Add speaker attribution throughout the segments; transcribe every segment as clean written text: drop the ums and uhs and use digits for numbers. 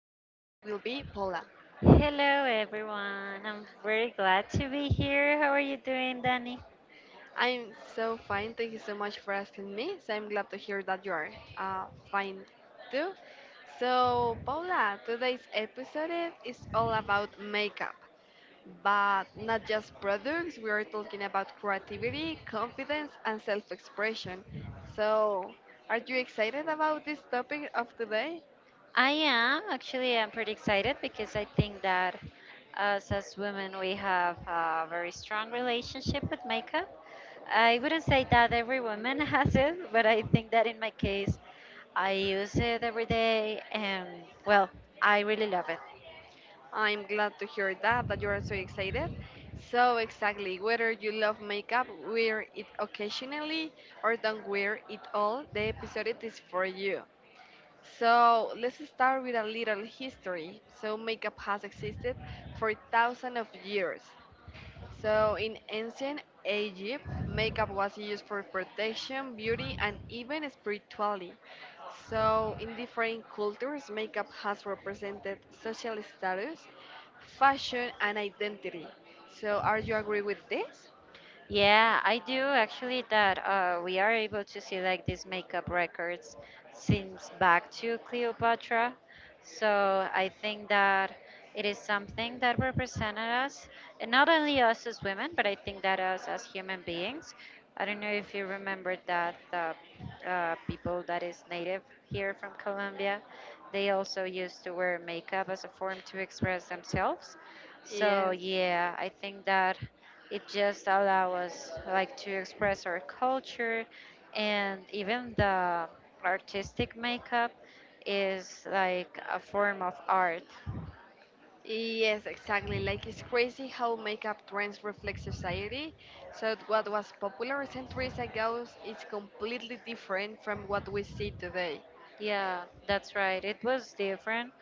Speaker 1: will be Paula.
Speaker 2: Hello, everyone. I'm very glad to be here. How are you doing, Danny?
Speaker 1: I'm so fine. Thank you so much for asking me. So, I'm glad to hear that you are uh, fine too. So, Paula, today's episode is all about makeup, but not just products. We are talking about creativity, confidence, and self expression. So, are you excited about this topic of today?
Speaker 2: I am actually. I'm pretty excited because I think that us as women we have a very strong relationship with makeup. I wouldn't say that every woman has it, but I think that in my case, I use it every day, and well, I really love it.
Speaker 1: I'm glad to hear that, that you are so excited. So, exactly, whether you love makeup, wear it occasionally, or don't wear it all, the episode is for you. So, let's start with a little history. So, makeup has existed for thousands of years. So, in ancient Egypt, makeup was used for protection, beauty, and even spirituality. So, in different cultures, makeup has represented social status, fashion, and identity. So, are you agree with this?
Speaker 2: Yeah, I do actually that we are able to see like these makeup records since back to Cleopatra. So I think that it is something that represented us, and not only us as women, but I think that us as human beings. I don't know if you remember that the people that is native here from Colombia, they also used to wear makeup as a form to express themselves. So
Speaker 1: Yes.
Speaker 2: yeah, I think that. It just allows us like to express our culture and even the artistic makeup is like a form of art.
Speaker 1: Yes, exactly. Like, it's crazy how makeup trends reflect society. So what was popular centuries ago is completely different from what we see today.
Speaker 2: Yeah, that's right. It was different,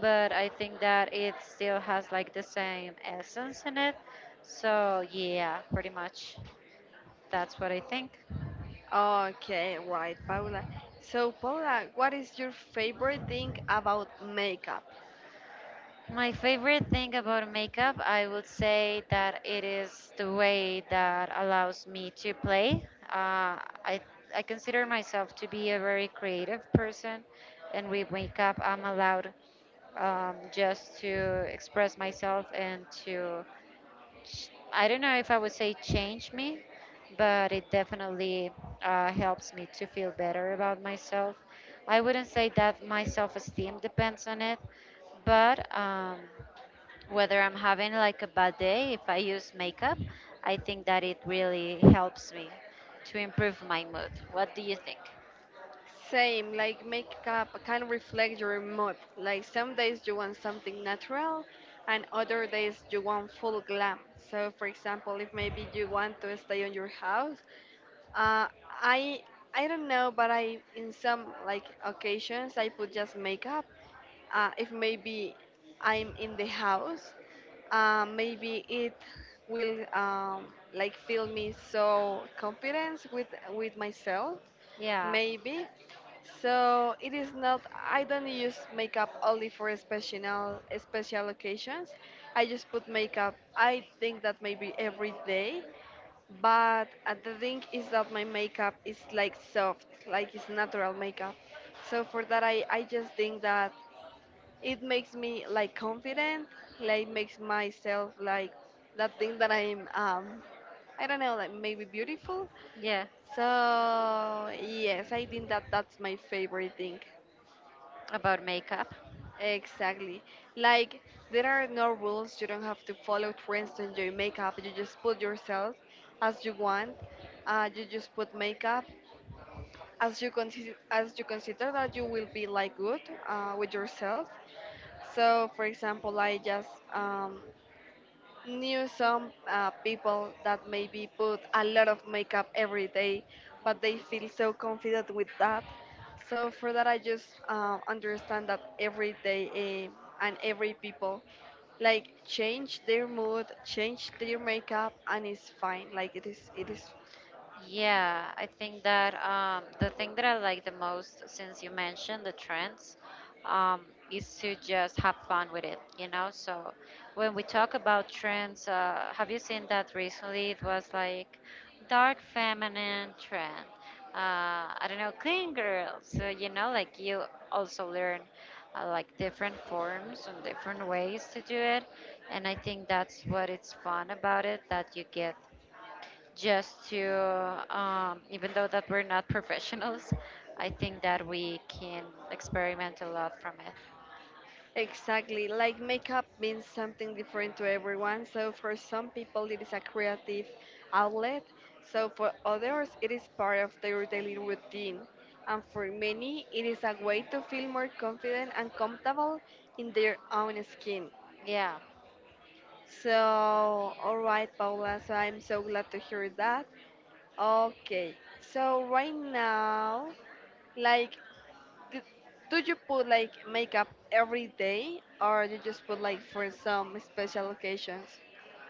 Speaker 2: but I think that it still has like the same essence in it. So, yeah, pretty much that's what I think.
Speaker 1: Okay, right, Paula. So, Paula, what is your favorite thing about makeup?
Speaker 2: My favorite thing about makeup, I would say that it is the way that allows me to play. I I consider myself to be a very creative person, and with makeup, I'm allowed just to express myself and to I don't know if I would say change me, but it definitely helps me to feel better about myself. I wouldn't say that my self-esteem depends on it, but whether I'm having like a bad day, if I use makeup, I think that it really helps me to improve my mood. What do you think?
Speaker 1: Same, like makeup kind of reflect your mood. Like some days you want something natural, and other days you want full glam. So, for example, if maybe you want to stay on your house, Uh, I I don't know, but I in some like occasions I put just makeup. If maybe I'm in the house, maybe it will like feel me so confidence with myself.
Speaker 2: Yeah,
Speaker 1: Maybe so it is not I don't use makeup only for special occasions. I just put makeup I think that maybe every day but the thing is that my makeup is like soft, like it's natural makeup. So for that, I just think that it makes me like confident, like makes myself like that thing that I'm, I don't know, like maybe beautiful.
Speaker 2: yeah,
Speaker 1: So yes, I think that that's my favorite thing.
Speaker 2: about makeup.
Speaker 1: Exactly. Like there are no rules. You don't have to follow trends to enjoy makeup. You just put yourself as you want. You just put makeup as you consider that you will be like good with yourself. So for example I just um, knew some people that maybe put a lot of makeup every day but they feel so confident with that. So for that I just understand that every day and every people like change their mood, change their makeup and it's fine like it is.
Speaker 2: Yeah, I think that the thing that I like the most, since you mentioned the trends, um, is to just have fun with it, you know? So when we talk about trends, have you seen that recently? It was like dark feminine trend. Uh, I don't know, clean girl. So, you know, like you also learn like different forms and different ways to do it. And I think that's what it's fun about it, that you get just to even though that we're not professionals, I think that we can experiment a lot from it.
Speaker 1: Exactly. Like makeup means something different to everyone. So for some people it is a creative outlet. So for others it is part of their daily routine. And for many it is a way to feel more confident and comfortable in their own skin.
Speaker 2: Yeah.
Speaker 1: So all right Paula, so I'm so glad to hear that. Okay. So right now, like, do, do you put like makeup every day or you just put like for some special occasions?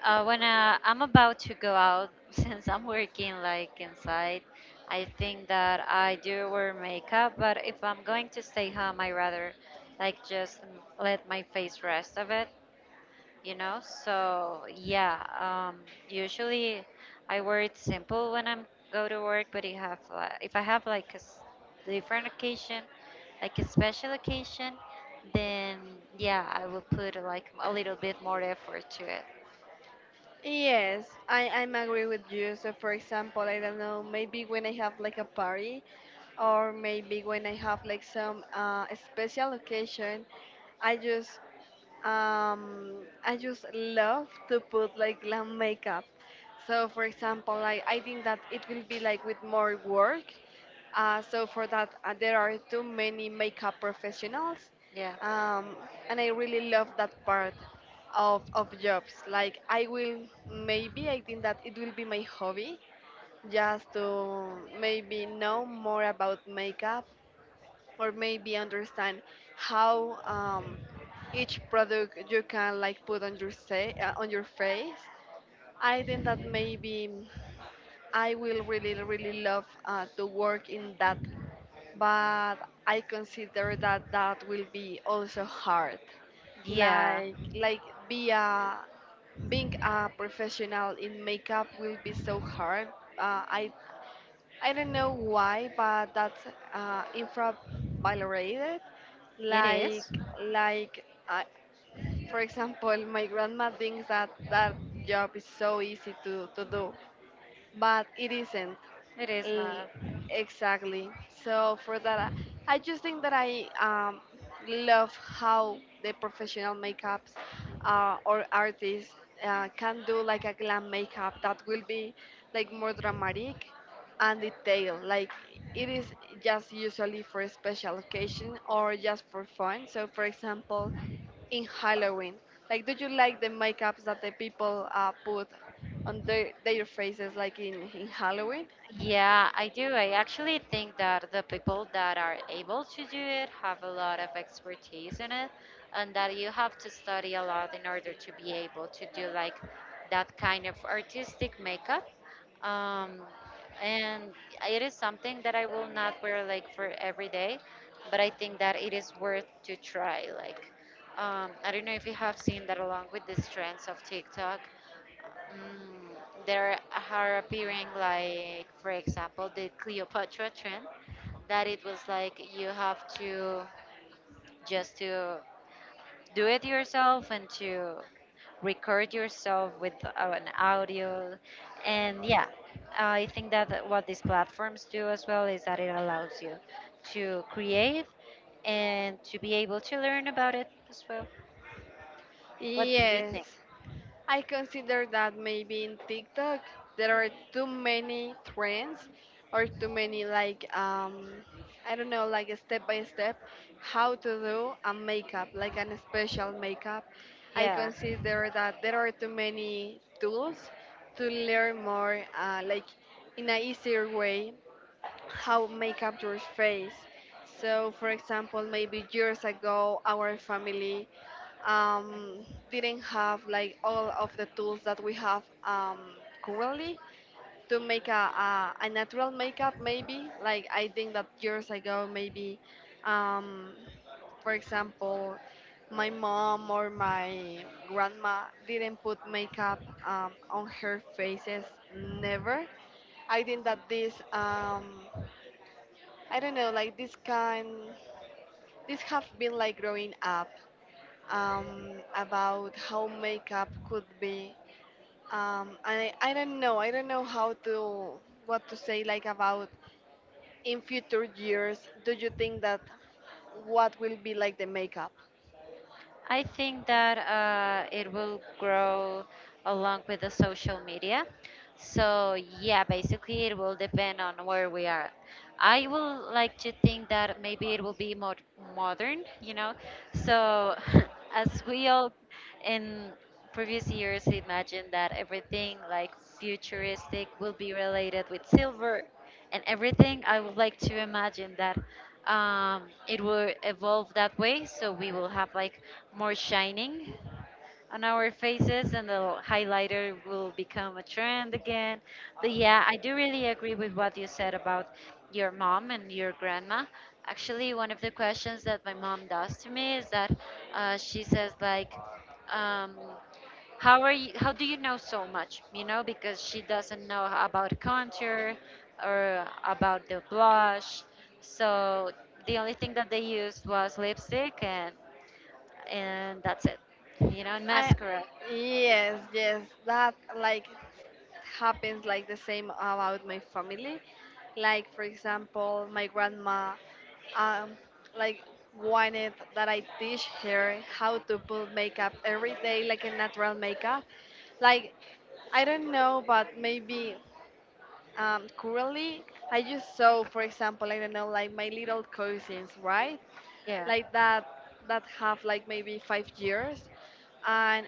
Speaker 2: When I'm about to go out since I'm working like inside, I think that I do wear makeup, but if I'm going to stay home, I rather like just let my face rest of it, you know? So yeah, usually I wear it simple when I'm go to work, but it have if I have like a different occasion, like a special occasion, then yeah, I will put like a little bit more effort to it.
Speaker 1: Yes, I'm agree with you. So for example, I don't know, maybe when I have like a party or maybe when I have like some special occasion, I just I just love to put like glam makeup. So, for example, like I think that it will be like with more work. So for that, there are too many makeup professionals,
Speaker 2: yeah
Speaker 1: um, and I really love that part of jobs. Like I will maybe I think that it will be my hobby just to maybe know more about makeup or maybe understand how each product you can like put on your say on your face. I think that maybe I will really love to work in that, but I consider that that will be also hard.
Speaker 2: yeah
Speaker 1: Like be a being a professional in makeup will be so hard. uh, i I don't know why, but that's infravalorated.
Speaker 2: it
Speaker 1: Like,
Speaker 2: is
Speaker 1: like, I, for example, my grandma thinks that that job is so easy to do but it isn't.
Speaker 2: it is
Speaker 1: Eh,
Speaker 2: not.
Speaker 1: exactly. So for that, I just think that I love how the professional makeups or artists can do like a glam makeup that will be like more dramatic and detailed. Like it is just usually for a special occasion or just for fun. So for example, in Halloween? Like, do you like the makeups that the people put on their faces, like in Halloween?
Speaker 2: Yeah, I do. I actually think that the people that are able to do it have a lot of expertise in it, and that you have to study a lot in order to be able to do like that kind of artistic makeup. Um, and it is something that I will not wear like for every day, but I think that it is worth to try. Like, I don't know if you have seen that along with these trends of TikTok, mm, there are appearing like, for example, the Cleopatra trend, that it was like you have to just to do it yourself and to record yourself with an audio. And yeah, I think that what these platforms do as well is that it allows you to create and to be able to learn about it as well. What do you
Speaker 1: Yes,
Speaker 2: think?
Speaker 1: I consider that maybe in TikTok there are too many trends or too many like I don't know, like a step by step how to do a makeup like an special makeup. I
Speaker 2: Yeah,
Speaker 1: consider that there are too many tools to learn more like in a easier way how makeup your face. So, for example, maybe years ago, our family, um, didn't have like all of the tools that we have currently to make a natural makeup. Maybe like I think that years ago, maybe, um, for example, my mom or my grandma didn't put makeup on her faces. Never. I think that this, I don't know, like this kind, this have been like growing up about how makeup could be. And I don't know, I don't know how to, what to say like about in future years, do you think that what will be like the makeup?
Speaker 2: I think that it will grow along with the social media. So, yeah, basically, it will depend on where we are. I will like to think that maybe it will be more modern, you know. So, as we all in previous years imagined that everything like futuristic will be related with silver and everything. I would like to imagine that it will evolve that way, so we will have like more shining on our faces and the highlighter will become a trend again. But yeah, I do really agree with what you said about your mom and your grandma. Actually, one of the questions that my mom does to me is that she says like, um, how do you know so much, you know, because she doesn't know about contour or about the blush. So the only thing that they used was lipstick and that's it. You know, and
Speaker 1: I
Speaker 2: mascara.
Speaker 1: yes, yes, that like happens like the same about my family. Like for example, my grandma um like wanted that I teach her how to put makeup every day like a natural makeup. Like I don't know, but maybe currently I just saw for example, I don't know, like my little cousins, right?
Speaker 2: Yeah,
Speaker 1: Like that that have like maybe 5 years and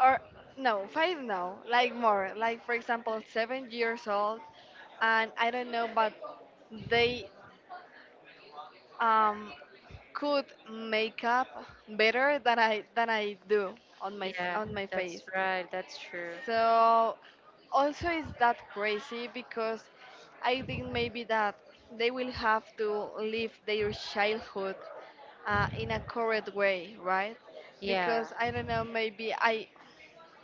Speaker 1: or no five no like more like for example 7 years old and I don't know but they, um, could make up better than I than I do on
Speaker 2: yeah,
Speaker 1: on my
Speaker 2: that's
Speaker 1: face.
Speaker 2: right. That's true.
Speaker 1: So also it's that crazy because I think maybe that they will have to live their childhood in a correct way, right?
Speaker 2: Yeah.
Speaker 1: Because I don't know, maybe I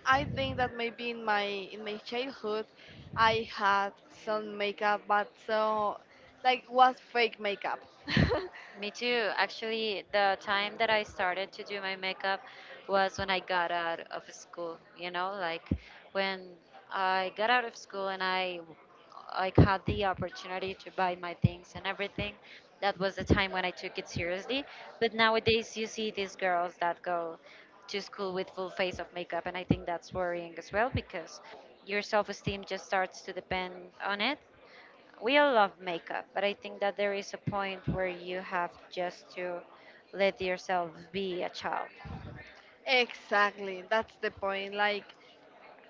Speaker 1: I think that maybe in my childhood I had some makeup, but so like was fake makeup.
Speaker 2: Me too. Actually, the time that I started to do my makeup was when I got out of school, you know, like when I got out of school and I like had the opportunity to buy my things and everything. That was the time when I took it seriously. But nowadays you see these girls that go to school with full face of makeup, and I think that's worrying as well because your self-esteem just starts to depend on it. We all love makeup, but I think that there is a point where you have just to let yourself be a child.
Speaker 1: Exactly, that's the point. Like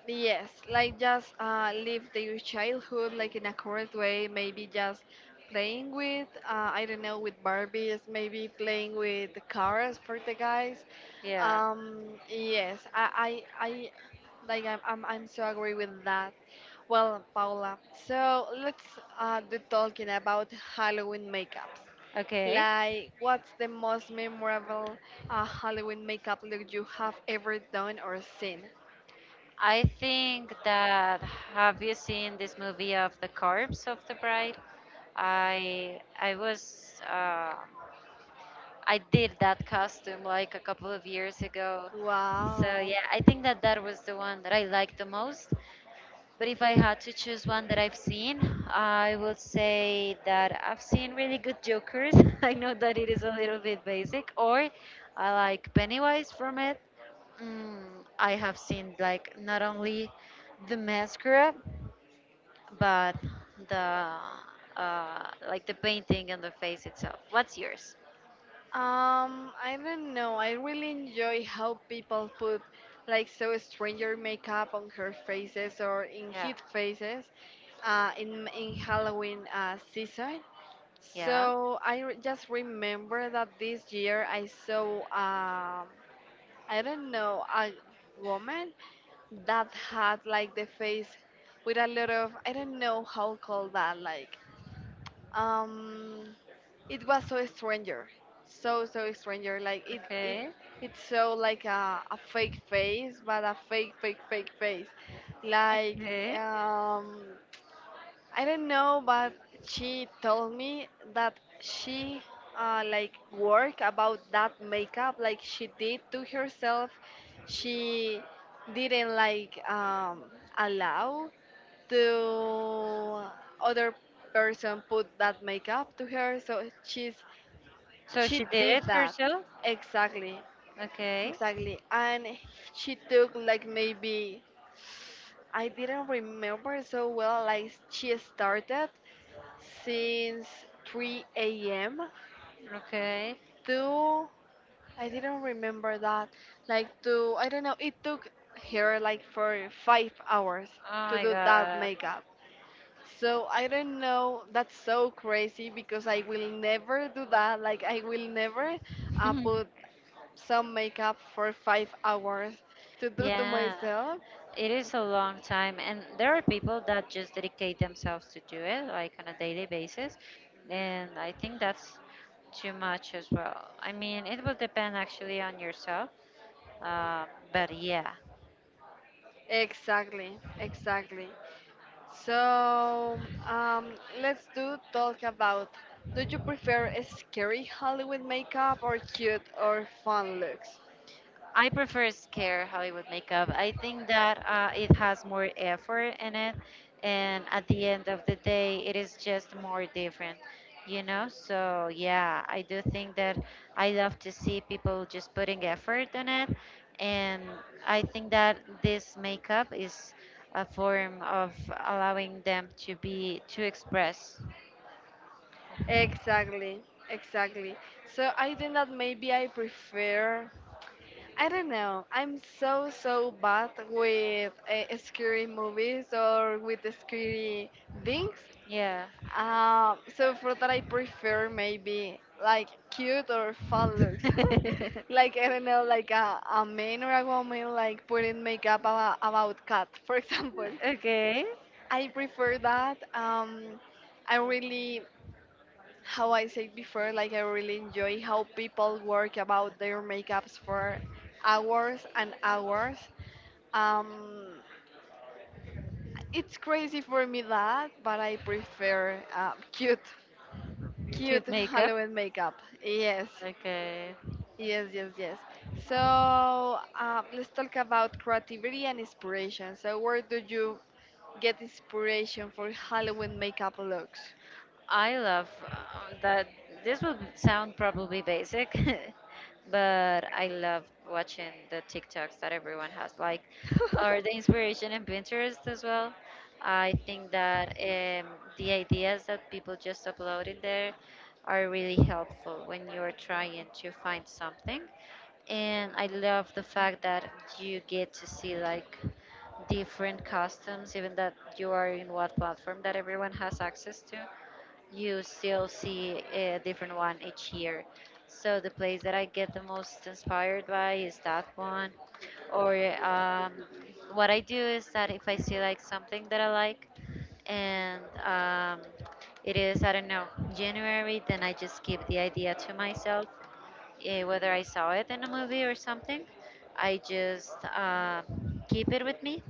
Speaker 1: yes, like just live their childhood like in a correct way. Maybe just playing with, I don't know, with Barbies. Maybe playing with the cars for the guys.
Speaker 2: Yeah.
Speaker 1: Um, yes, I like I'm so agree with that. Well, Paula, so let's do talking about Halloween makeups.
Speaker 2: Okay.
Speaker 1: Like, what's the most memorable Halloween makeup look you have ever done or seen?
Speaker 2: I think that, have you seen this movie of the corpse of the bride? I was I did that costume like a couple of years ago. So
Speaker 1: Wow.
Speaker 2: yeah, I think that that was the one that I liked the most. But if I had to choose one that I've seen, I would say that I've seen really good Jokers. I know that it is a little bit basic, or I like Pennywise from it. Mm, I have seen like not only the mascara, but the uh, like the painting and the face itself. What's yours?
Speaker 1: I don't know. I really enjoy how people put like so stranger makeup on her faces or in
Speaker 2: Yeah.
Speaker 1: his faces in Halloween season.
Speaker 2: Yeah.
Speaker 1: So just remember that this year I saw, I don't know a woman that had like the face with a lot of I don't know how called that like um it was so stranger, so so stranger like it
Speaker 2: Okay.
Speaker 1: it's so like a fake face but a fake face like,
Speaker 2: Okay.
Speaker 1: um, I don't know but she told me that she like work about that makeup like she did to herself. She didn't like allow the other person put that makeup to her so she's
Speaker 2: So
Speaker 1: she
Speaker 2: she did
Speaker 1: did
Speaker 2: it
Speaker 1: that
Speaker 2: herself?
Speaker 1: exactly.
Speaker 2: Okay,
Speaker 1: Exactly and she took like maybe I didn't remember so well like she started since 3 a.m.
Speaker 2: okay.
Speaker 1: to I didn't remember that like to I don't know it took her like for 5 hours
Speaker 2: Oh
Speaker 1: to
Speaker 2: my
Speaker 1: do that
Speaker 2: God.
Speaker 1: makeup. So I don't know. That's so crazy because I will never do that. Like I will never put some makeup for 5 hours to do to
Speaker 2: Yeah,
Speaker 1: myself.
Speaker 2: it is a long time, and there are people that just dedicate themselves to do it, like on a daily basis, and I think that's too much as well. I mean, it will depend actually on yourself, uh, but yeah.
Speaker 1: Exactly, exactly. So, um, let's do talk about. Do you prefer a scary Hollywood makeup or cute or fun looks?
Speaker 2: I prefer scare Hollywood makeup. I think that it has more effort in it, and at the end of the day, it is just more different, you know. So yeah, I do think that I love to see people just putting effort in it, and I think that this makeup is a form of allowing them to be to express.
Speaker 1: Exactly, exactly. So I think that maybe I prefer. I don't know. I'm so bad with scary movies or with scary things.
Speaker 2: Yeah.
Speaker 1: So for that, I prefer maybe like cute or fun looks. Like I don't know, like a man or a woman like putting makeup about cat, for example.
Speaker 2: Okay.
Speaker 1: I prefer that. I really, how I said before, like I really enjoy how people work about their makeups for hours and hours, um, it's crazy for me that, but I prefer cute, cute
Speaker 2: Cute makeup.
Speaker 1: Halloween makeup. Yes,
Speaker 2: Okay.
Speaker 1: yes. So let's talk about creativity and inspiration. So where do you get inspiration for Halloween makeup looks?
Speaker 2: I love that. This will sound probably basic, but I love watching the TikToks that everyone has, like, or the inspiration in Pinterest as well. I think that the ideas that people just upload in there are really helpful when you're trying to find something. And I love the fact that you get to see like different customs, even that you are in what platform that everyone has access to, you still see a different one each year. So the place that I get the most inspired by is that one. Or um, what I do is that if I see like something that I like, and it is I don't know January, then I just keep the idea to myself. Whether I saw it in a movie or something, I just keep it with me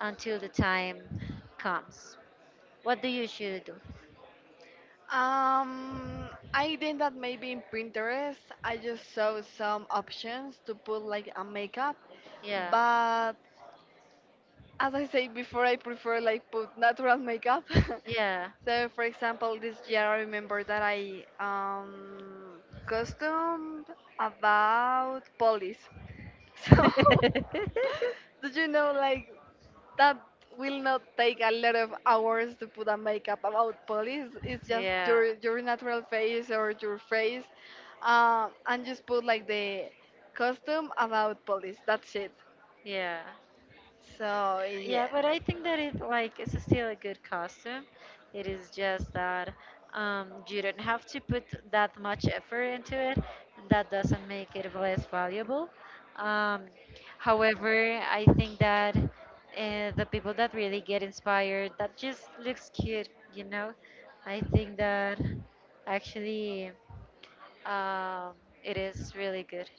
Speaker 2: until the time comes. What do you usually do?
Speaker 1: Um, I think that maybe in Pinterest I just saw some options to put like a makeup,
Speaker 2: Yeah.
Speaker 1: but as I said before, I prefer like put natural makeup.
Speaker 2: Yeah.
Speaker 1: So, for example, this year I remember that I costumed about police. So, do you know like that will not take a lot of hours to put a makeup about police? It's just
Speaker 2: Yeah.
Speaker 1: your natural face or your face, and just put like the costume about police. That's it.
Speaker 2: Yeah.
Speaker 1: So
Speaker 2: Yeah,
Speaker 1: yes.
Speaker 2: but I think that it like it's still a good costume. It is just that you don't have to put that much effort into it, and that doesn't make it less valuable. Um However, I think that the people that really get inspired that just looks cute, you know. I think that actually um it is really good.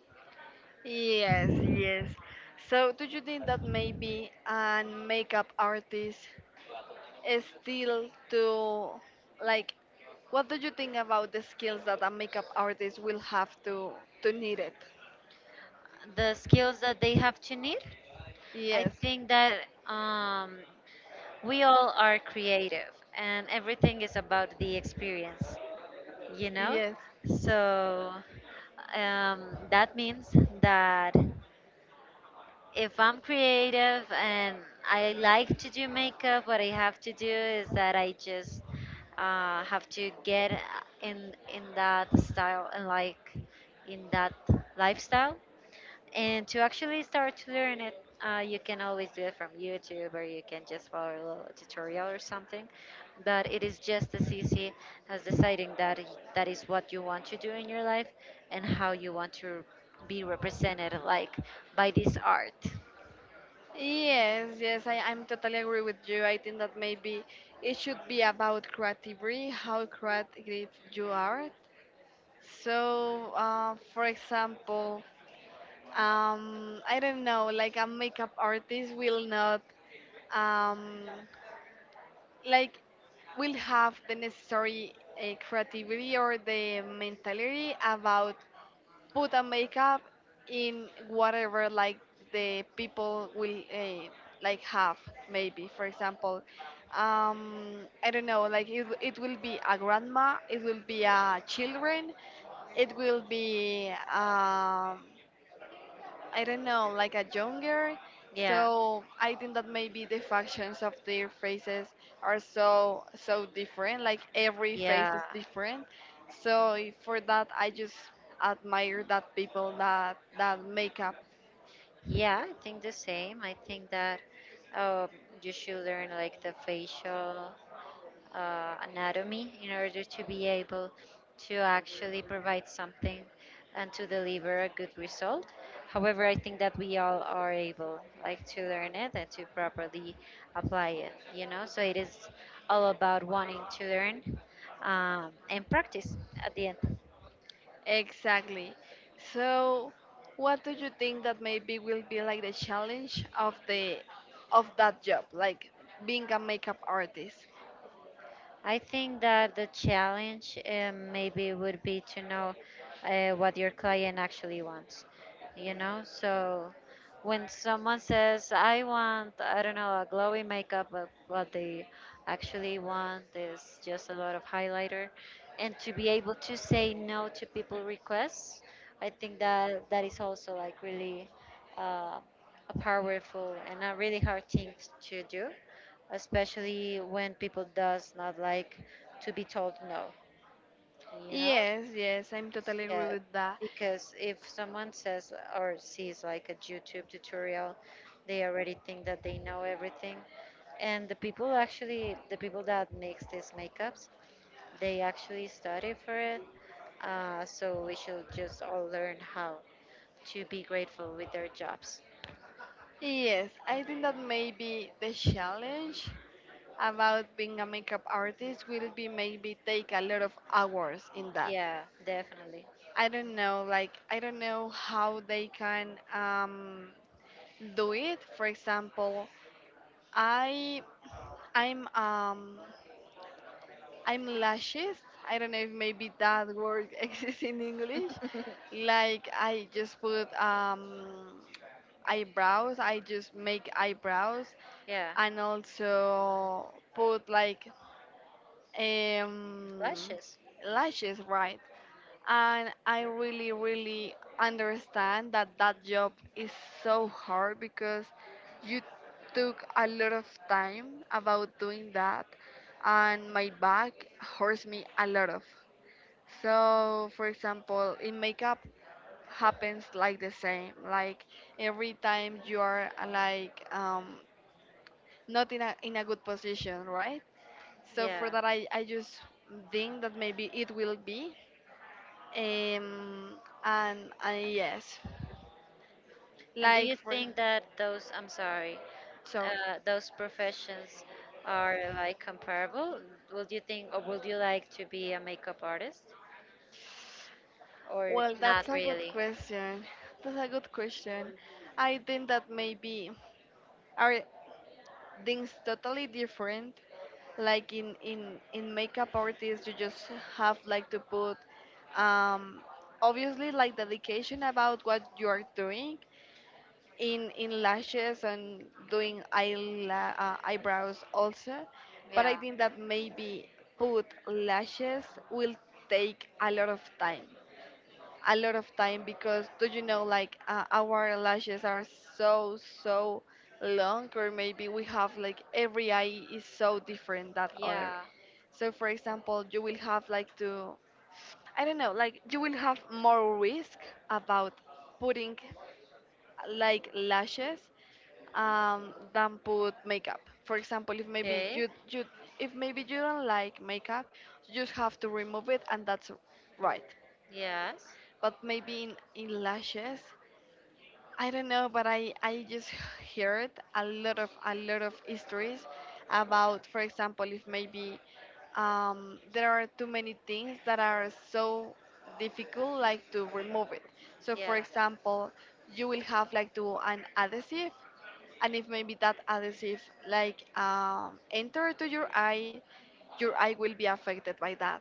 Speaker 1: Yes, yes. So, do you think that maybe a makeup artist is still to like what do you think about the skills that a makeup artist will have to need it?
Speaker 2: The skills that they have to need. I
Speaker 1: Yes.
Speaker 2: think that um, we all are creative and everything is about the experience, you know?
Speaker 1: Yes.
Speaker 2: So that means that if I'm creative and I like to do makeup, what I have to do is that I just have to get in that style and like in that lifestyle, and to actually start to learn it, you can always do it from YouTube or you can just follow a little tutorial or something. But it is just as easy as deciding that that is what you want to do in your life and how you want to be represented, like by this art.
Speaker 1: Yes, yes, I'm totally agree with you. I think that maybe it should be about creativity, how creative you are. So, for example, I don't know like a makeup artist will not um like will have the necessary creativity or the mentality about put a makeup in whatever like the people will like have maybe for example um I don't know like it will be a grandma it will be a children it will be I don't know, like a younger.
Speaker 2: Yeah,
Speaker 1: So I think that maybe the factions of their faces are so different. Like every face
Speaker 2: yeah,
Speaker 1: is different. So for that, I just admire that people that that makeup
Speaker 2: yeah. I think the same. I think that um, you should learn like the facial anatomy in order to be able to actually provide something and to deliver a good result. However, I think that we all are able like to learn it and to properly apply it, you know? So it is all about wanting to learn and practice at the end.
Speaker 1: exactly. So what do you think that maybe will be like the challenge of the of that job, like being a makeup artist?
Speaker 2: I think that the challenge maybe would be to know what your client actually wants, you know? So when someone says, I want, I don't know, a glowy makeup, but what they actually want is just a lot of highlighter. And to be able to say no to people requests, I think that that is also like really uh, a powerful and a really hard thing to do, especially when people does not like to be told no, you know.
Speaker 1: Yes, yes, I'm totally agree
Speaker 2: Yeah,
Speaker 1: with that.
Speaker 2: because if someone says or sees like a YouTube tutorial, they already think that they know everything, and the people that makes these makeups, they actually study for it. So we should just all learn how to be grateful with their jobs.
Speaker 1: Yes, I think that maybe the challenge about being a makeup artist will be maybe take a lot of hours in that.
Speaker 2: Yeah, definitely.
Speaker 1: I don't know, like I don't know how they can do it. For example, I I'm I'm lashes. I don't know if maybe that word exists in English. Like I just put eyebrows. I just make eyebrows,
Speaker 2: Yeah.
Speaker 1: and also put like um,
Speaker 2: Lashes.
Speaker 1: lashes, right? And I really, really understand that that job is so hard because you took a lot of time about doing that, and my back hurts me a lot of. So, for example, in makeup happens like the same. Like every time you are like not in a good position, right? So
Speaker 2: Yeah.
Speaker 1: for that, I just think that maybe it will be. Um, and yes,
Speaker 2: And do
Speaker 1: like
Speaker 2: you
Speaker 1: for
Speaker 2: think that those, I'm sorry,
Speaker 1: sorry.
Speaker 2: those professions are like comparable? Would you think, or would you like to be a makeup artist, or
Speaker 1: Well,
Speaker 2: not
Speaker 1: that's a good
Speaker 2: really?
Speaker 1: question. That's a good question. I think that maybe are things totally different. Like in makeup artists, you just have like to put um obviously like dedication about what you are doing in lashes and doing eyebrows also but
Speaker 2: Yeah.
Speaker 1: I think that maybe put lashes will take a lot of time a lot of time because do you know like our lashes are so so long or maybe we have like every eye is so different that other
Speaker 2: Yeah.
Speaker 1: so for example you will have like to I don't know, like you will have more risk about putting like lashes than put makeup. For example, if maybe
Speaker 2: Okay.
Speaker 1: you if maybe you don't like makeup, you just have to remove it, and that's right.
Speaker 2: Yes.
Speaker 1: But maybe in lashes, I don't know, but I just heard a lot of histories about, for example, if maybe there are too many things that are so difficult like to remove it so
Speaker 2: Yeah.
Speaker 1: for example you will have like to an adhesive and if maybe that adhesive like enter to your eye will be affected by that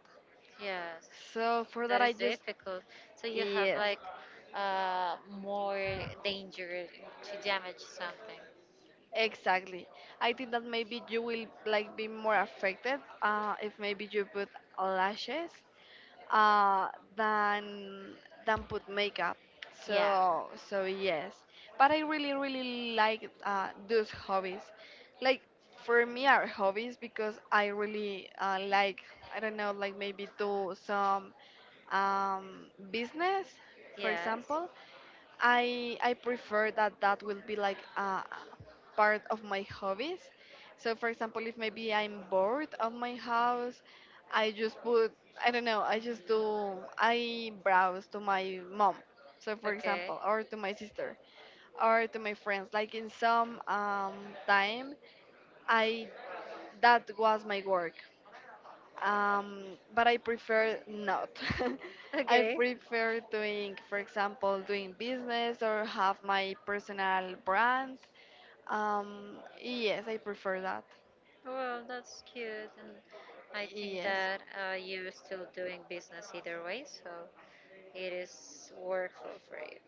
Speaker 2: Yes.
Speaker 1: so for that
Speaker 2: That
Speaker 1: I
Speaker 2: is
Speaker 1: just
Speaker 2: difficult. So you have
Speaker 1: yes
Speaker 2: like more danger to damage something.
Speaker 1: exactly I think that maybe you will like be more affected if maybe you put lashes uh, than than put makeup.
Speaker 2: Yeah.
Speaker 1: So so yes, but I really really like those hobbies. Like for me are hobbies because I really like I don't know like maybe do some business, for
Speaker 2: Yes.
Speaker 1: example. I prefer that that will be like a part of my hobbies. So for example, if maybe I'm bored of my house, I just put I don't know, I just do I browse to my mom. So for
Speaker 2: Okay.
Speaker 1: example, or to my sister, or to my friends. Like in some time, I that was my work but I prefer not. I
Speaker 2: Okay.
Speaker 1: prefer doing, for example, doing business or have my personal brand. Yes, I prefer that.
Speaker 2: Well, that's cute, and I think
Speaker 1: Yes,
Speaker 2: that you're still doing business either way, so it is workflow for you.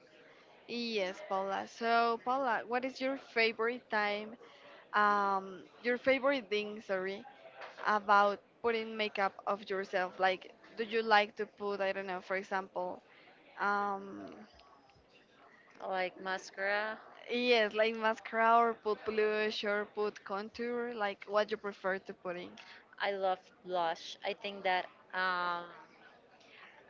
Speaker 1: yes, Paula. So, Paula, what is your favorite time? Your favorite thing, sorry, about putting makeup of yourself? Like, do you like to put, I don't know, for example, um,
Speaker 2: Like mascara.
Speaker 1: yes, like mascara or put blush or put contour, like what you prefer to putting.
Speaker 2: I love blush. I think that um,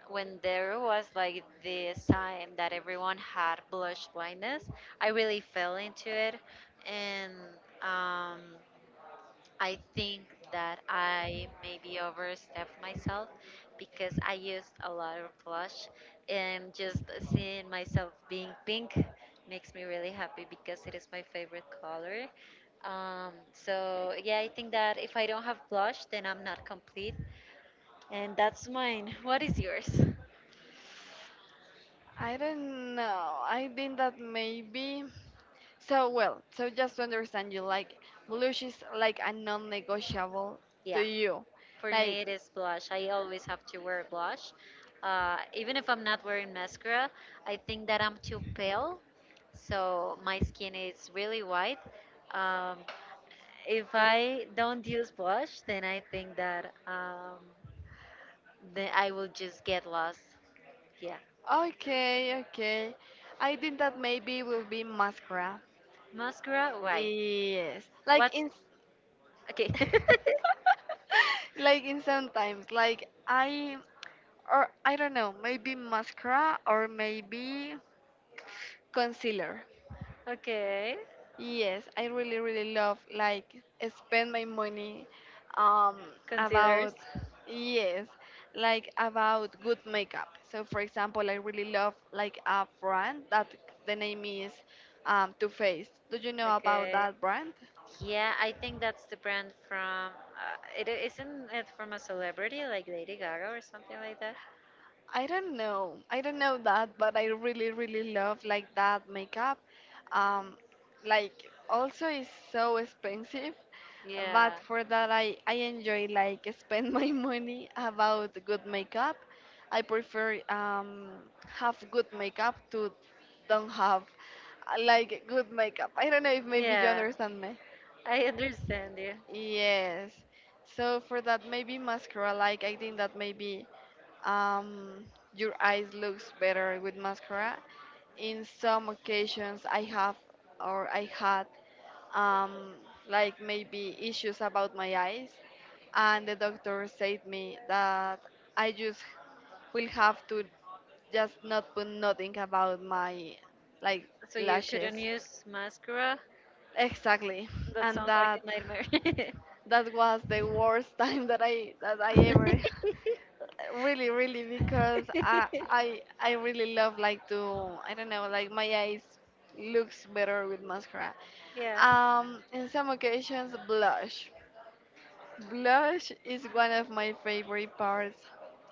Speaker 2: when there was like this time that everyone had blush blindness, I really fell into it, and um, I think that I maybe overstepped myself because I used a lot of blush and just seeing myself being pink makes me really happy because it is my favorite color. So yeah, I think that if I don't have blush, then I'm not complete. And that's mine. What is yours?
Speaker 1: I don't know. I think that maybe. So well, so just to understand you, like blush is like a non-negotiable to
Speaker 2: Yeah.
Speaker 1: you.
Speaker 2: For
Speaker 1: Like,
Speaker 2: me, it is blush. I always have to wear blush. Even if I'm not wearing mascara, I think that I'm too pale. So my skin is really white. Um, if I don't use blush, then I think that then I will just get lost. Yeah.
Speaker 1: okay, okay. I think that maybe will be mascara.
Speaker 2: Mascara, why?
Speaker 1: Yes, like
Speaker 2: What's.
Speaker 1: in.
Speaker 2: Okay.
Speaker 1: Like in sometimes like I or I don't know, maybe mascara or maybe concealer.
Speaker 2: Okay.
Speaker 1: Yes, I really really love like spend my money um
Speaker 2: Concealers.
Speaker 1: about yes, like about good makeup. So for example, I really love like a brand that the name is Too Faced. Do you know about
Speaker 2: Okay.
Speaker 1: that brand?
Speaker 2: Yeah, I think that's the brand from. It not it from a celebrity like Lady Gaga or something like that.
Speaker 1: I don't know. I don't know that, but I really, really love like that makeup. Um, like also it's so expensive,
Speaker 2: Yeah.
Speaker 1: but for that I enjoy like spend my money about good makeup. I prefer have good makeup to don't have like good makeup. I don't know if maybe you
Speaker 2: Yeah,
Speaker 1: understand me.
Speaker 2: I understand you.
Speaker 1: Yes. So for that maybe mascara like I think that maybe um your eyes looks better with mascara. In some occasions I have or I had um like maybe issues about my eyes and the doctor said me that I just will have to just not put nothing about my like
Speaker 2: So you
Speaker 1: lashes.
Speaker 2: couldn't use mascara?
Speaker 1: Exactly.
Speaker 2: That
Speaker 1: And
Speaker 2: sounds like
Speaker 1: that
Speaker 2: a nightmare.
Speaker 1: that was the worst time that I ever really really because I I I really love like to I don't know like my eyes looks better with mascara.
Speaker 2: Yeah.
Speaker 1: In some occasions blush. Blush is one of my favorite parts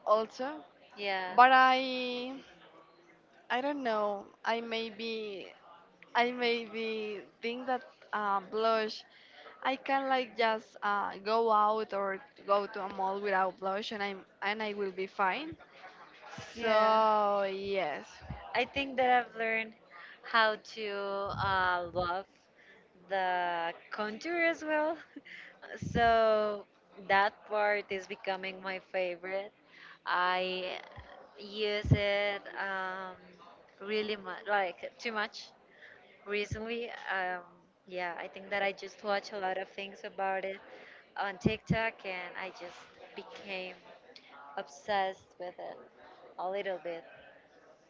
Speaker 1: also,
Speaker 2: Yeah.
Speaker 1: but I don't know I maybe think that blush, I can like just go out or go to a mall without blush, and I am and I will be fine.
Speaker 2: Yeah.
Speaker 1: So yes,
Speaker 2: I think that I've learned how to love the contour as well. So that part is becoming my favorite. I use it really much, like too much recently. Yeah, I think that I just watch a lot of things about it on TikTok and I just became obsessed with it a little bit.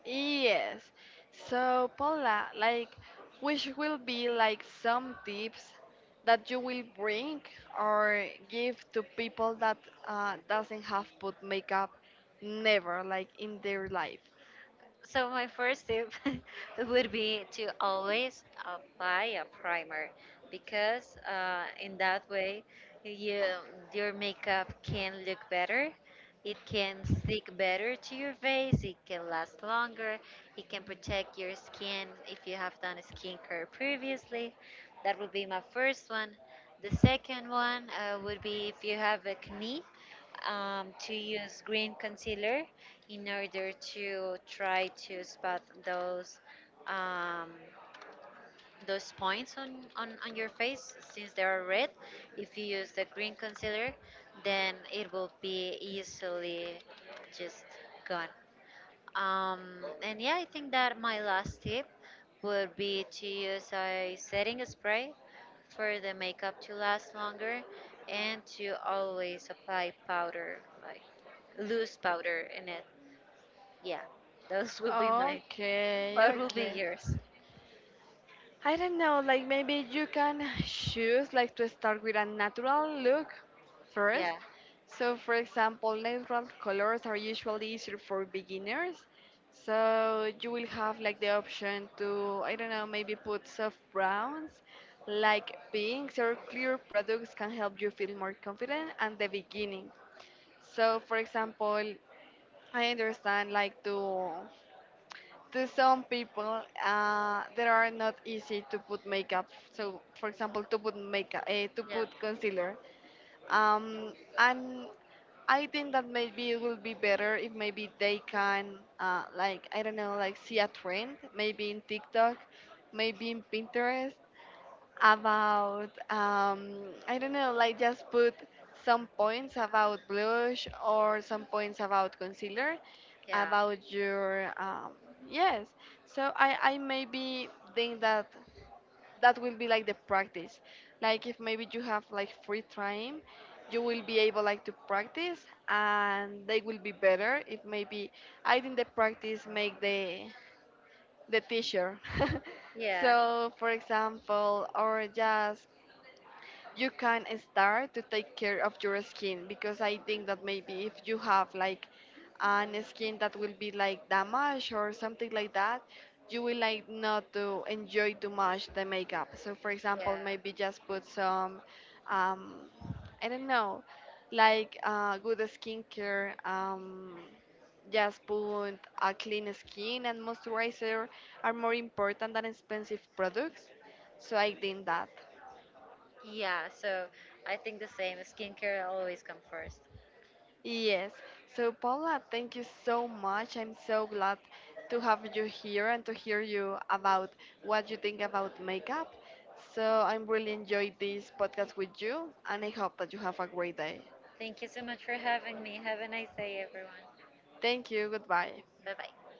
Speaker 1: yes. So Paula, like, which will be like some tips that you will bring or give to people that doesn't have put makeup never like in their life.
Speaker 2: So my first tip would be to always buy a primer, because in that way you your makeup can look better. It can stick better to your face. It can last longer. It can protect your skin if you have done skincare previously. That would be my first one. The second one would be if you have acne, to use green concealer in order to try to spot um, those points on your face. Since they are red, if you use the green concealer, then it will be easily just gone. um, and yeah, I think that my last tip would be to use a setting spray for the makeup to last longer, and to always apply powder, like loose powder in it. Yeah, those will be mine.
Speaker 1: Okay,
Speaker 2: What will be
Speaker 1: okay.
Speaker 2: yours?
Speaker 1: I don't know, like maybe you can choose like to start with a natural look first.
Speaker 2: Yeah,
Speaker 1: So for example, natural colors are usually easier for beginners. So you will have like the option to, I don't know, maybe put soft browns, like pinks or clear products can help you feel more confident at the beginning. So for example, I understand like to some people they are not easy to put makeup so for example to put makeup to
Speaker 2: yeah,
Speaker 1: put concealer um, and I think that maybe it will be better if maybe they can like I don't know like see a trend maybe in TikTok maybe in Pinterest about I don't know, like just put some points about blush or some points about concealer
Speaker 2: yeah,
Speaker 1: about your yes. So I maybe think that that will be like the practice. Like if maybe you have like free time, you will be able like to practice and they will be better if maybe I think the practice make the teacher.
Speaker 2: yeah,
Speaker 1: So, for example, or just you can start to take care of your skin because I think that maybe if you have like an skin that will be like damaged or something like that, you will like not to enjoy too much the makeup. So for example,
Speaker 2: yeah,
Speaker 1: maybe just put some, um, I don't know, like good skincare. Just put a clean skin and moisturizer are more important than expensive products. So I think that.
Speaker 2: yeah. So I think the same. Skincare always come first.
Speaker 1: Yes. So, Paula, thank you so much. I'm so glad to have you here and to hear you about what you think about makeup. So, I'm really enjoyed this podcast with you, and I hope that you have a great day.
Speaker 2: Thank you so much for having me. Have a nice day, everyone.
Speaker 1: Thank you. Goodbye.
Speaker 2: Bye bye.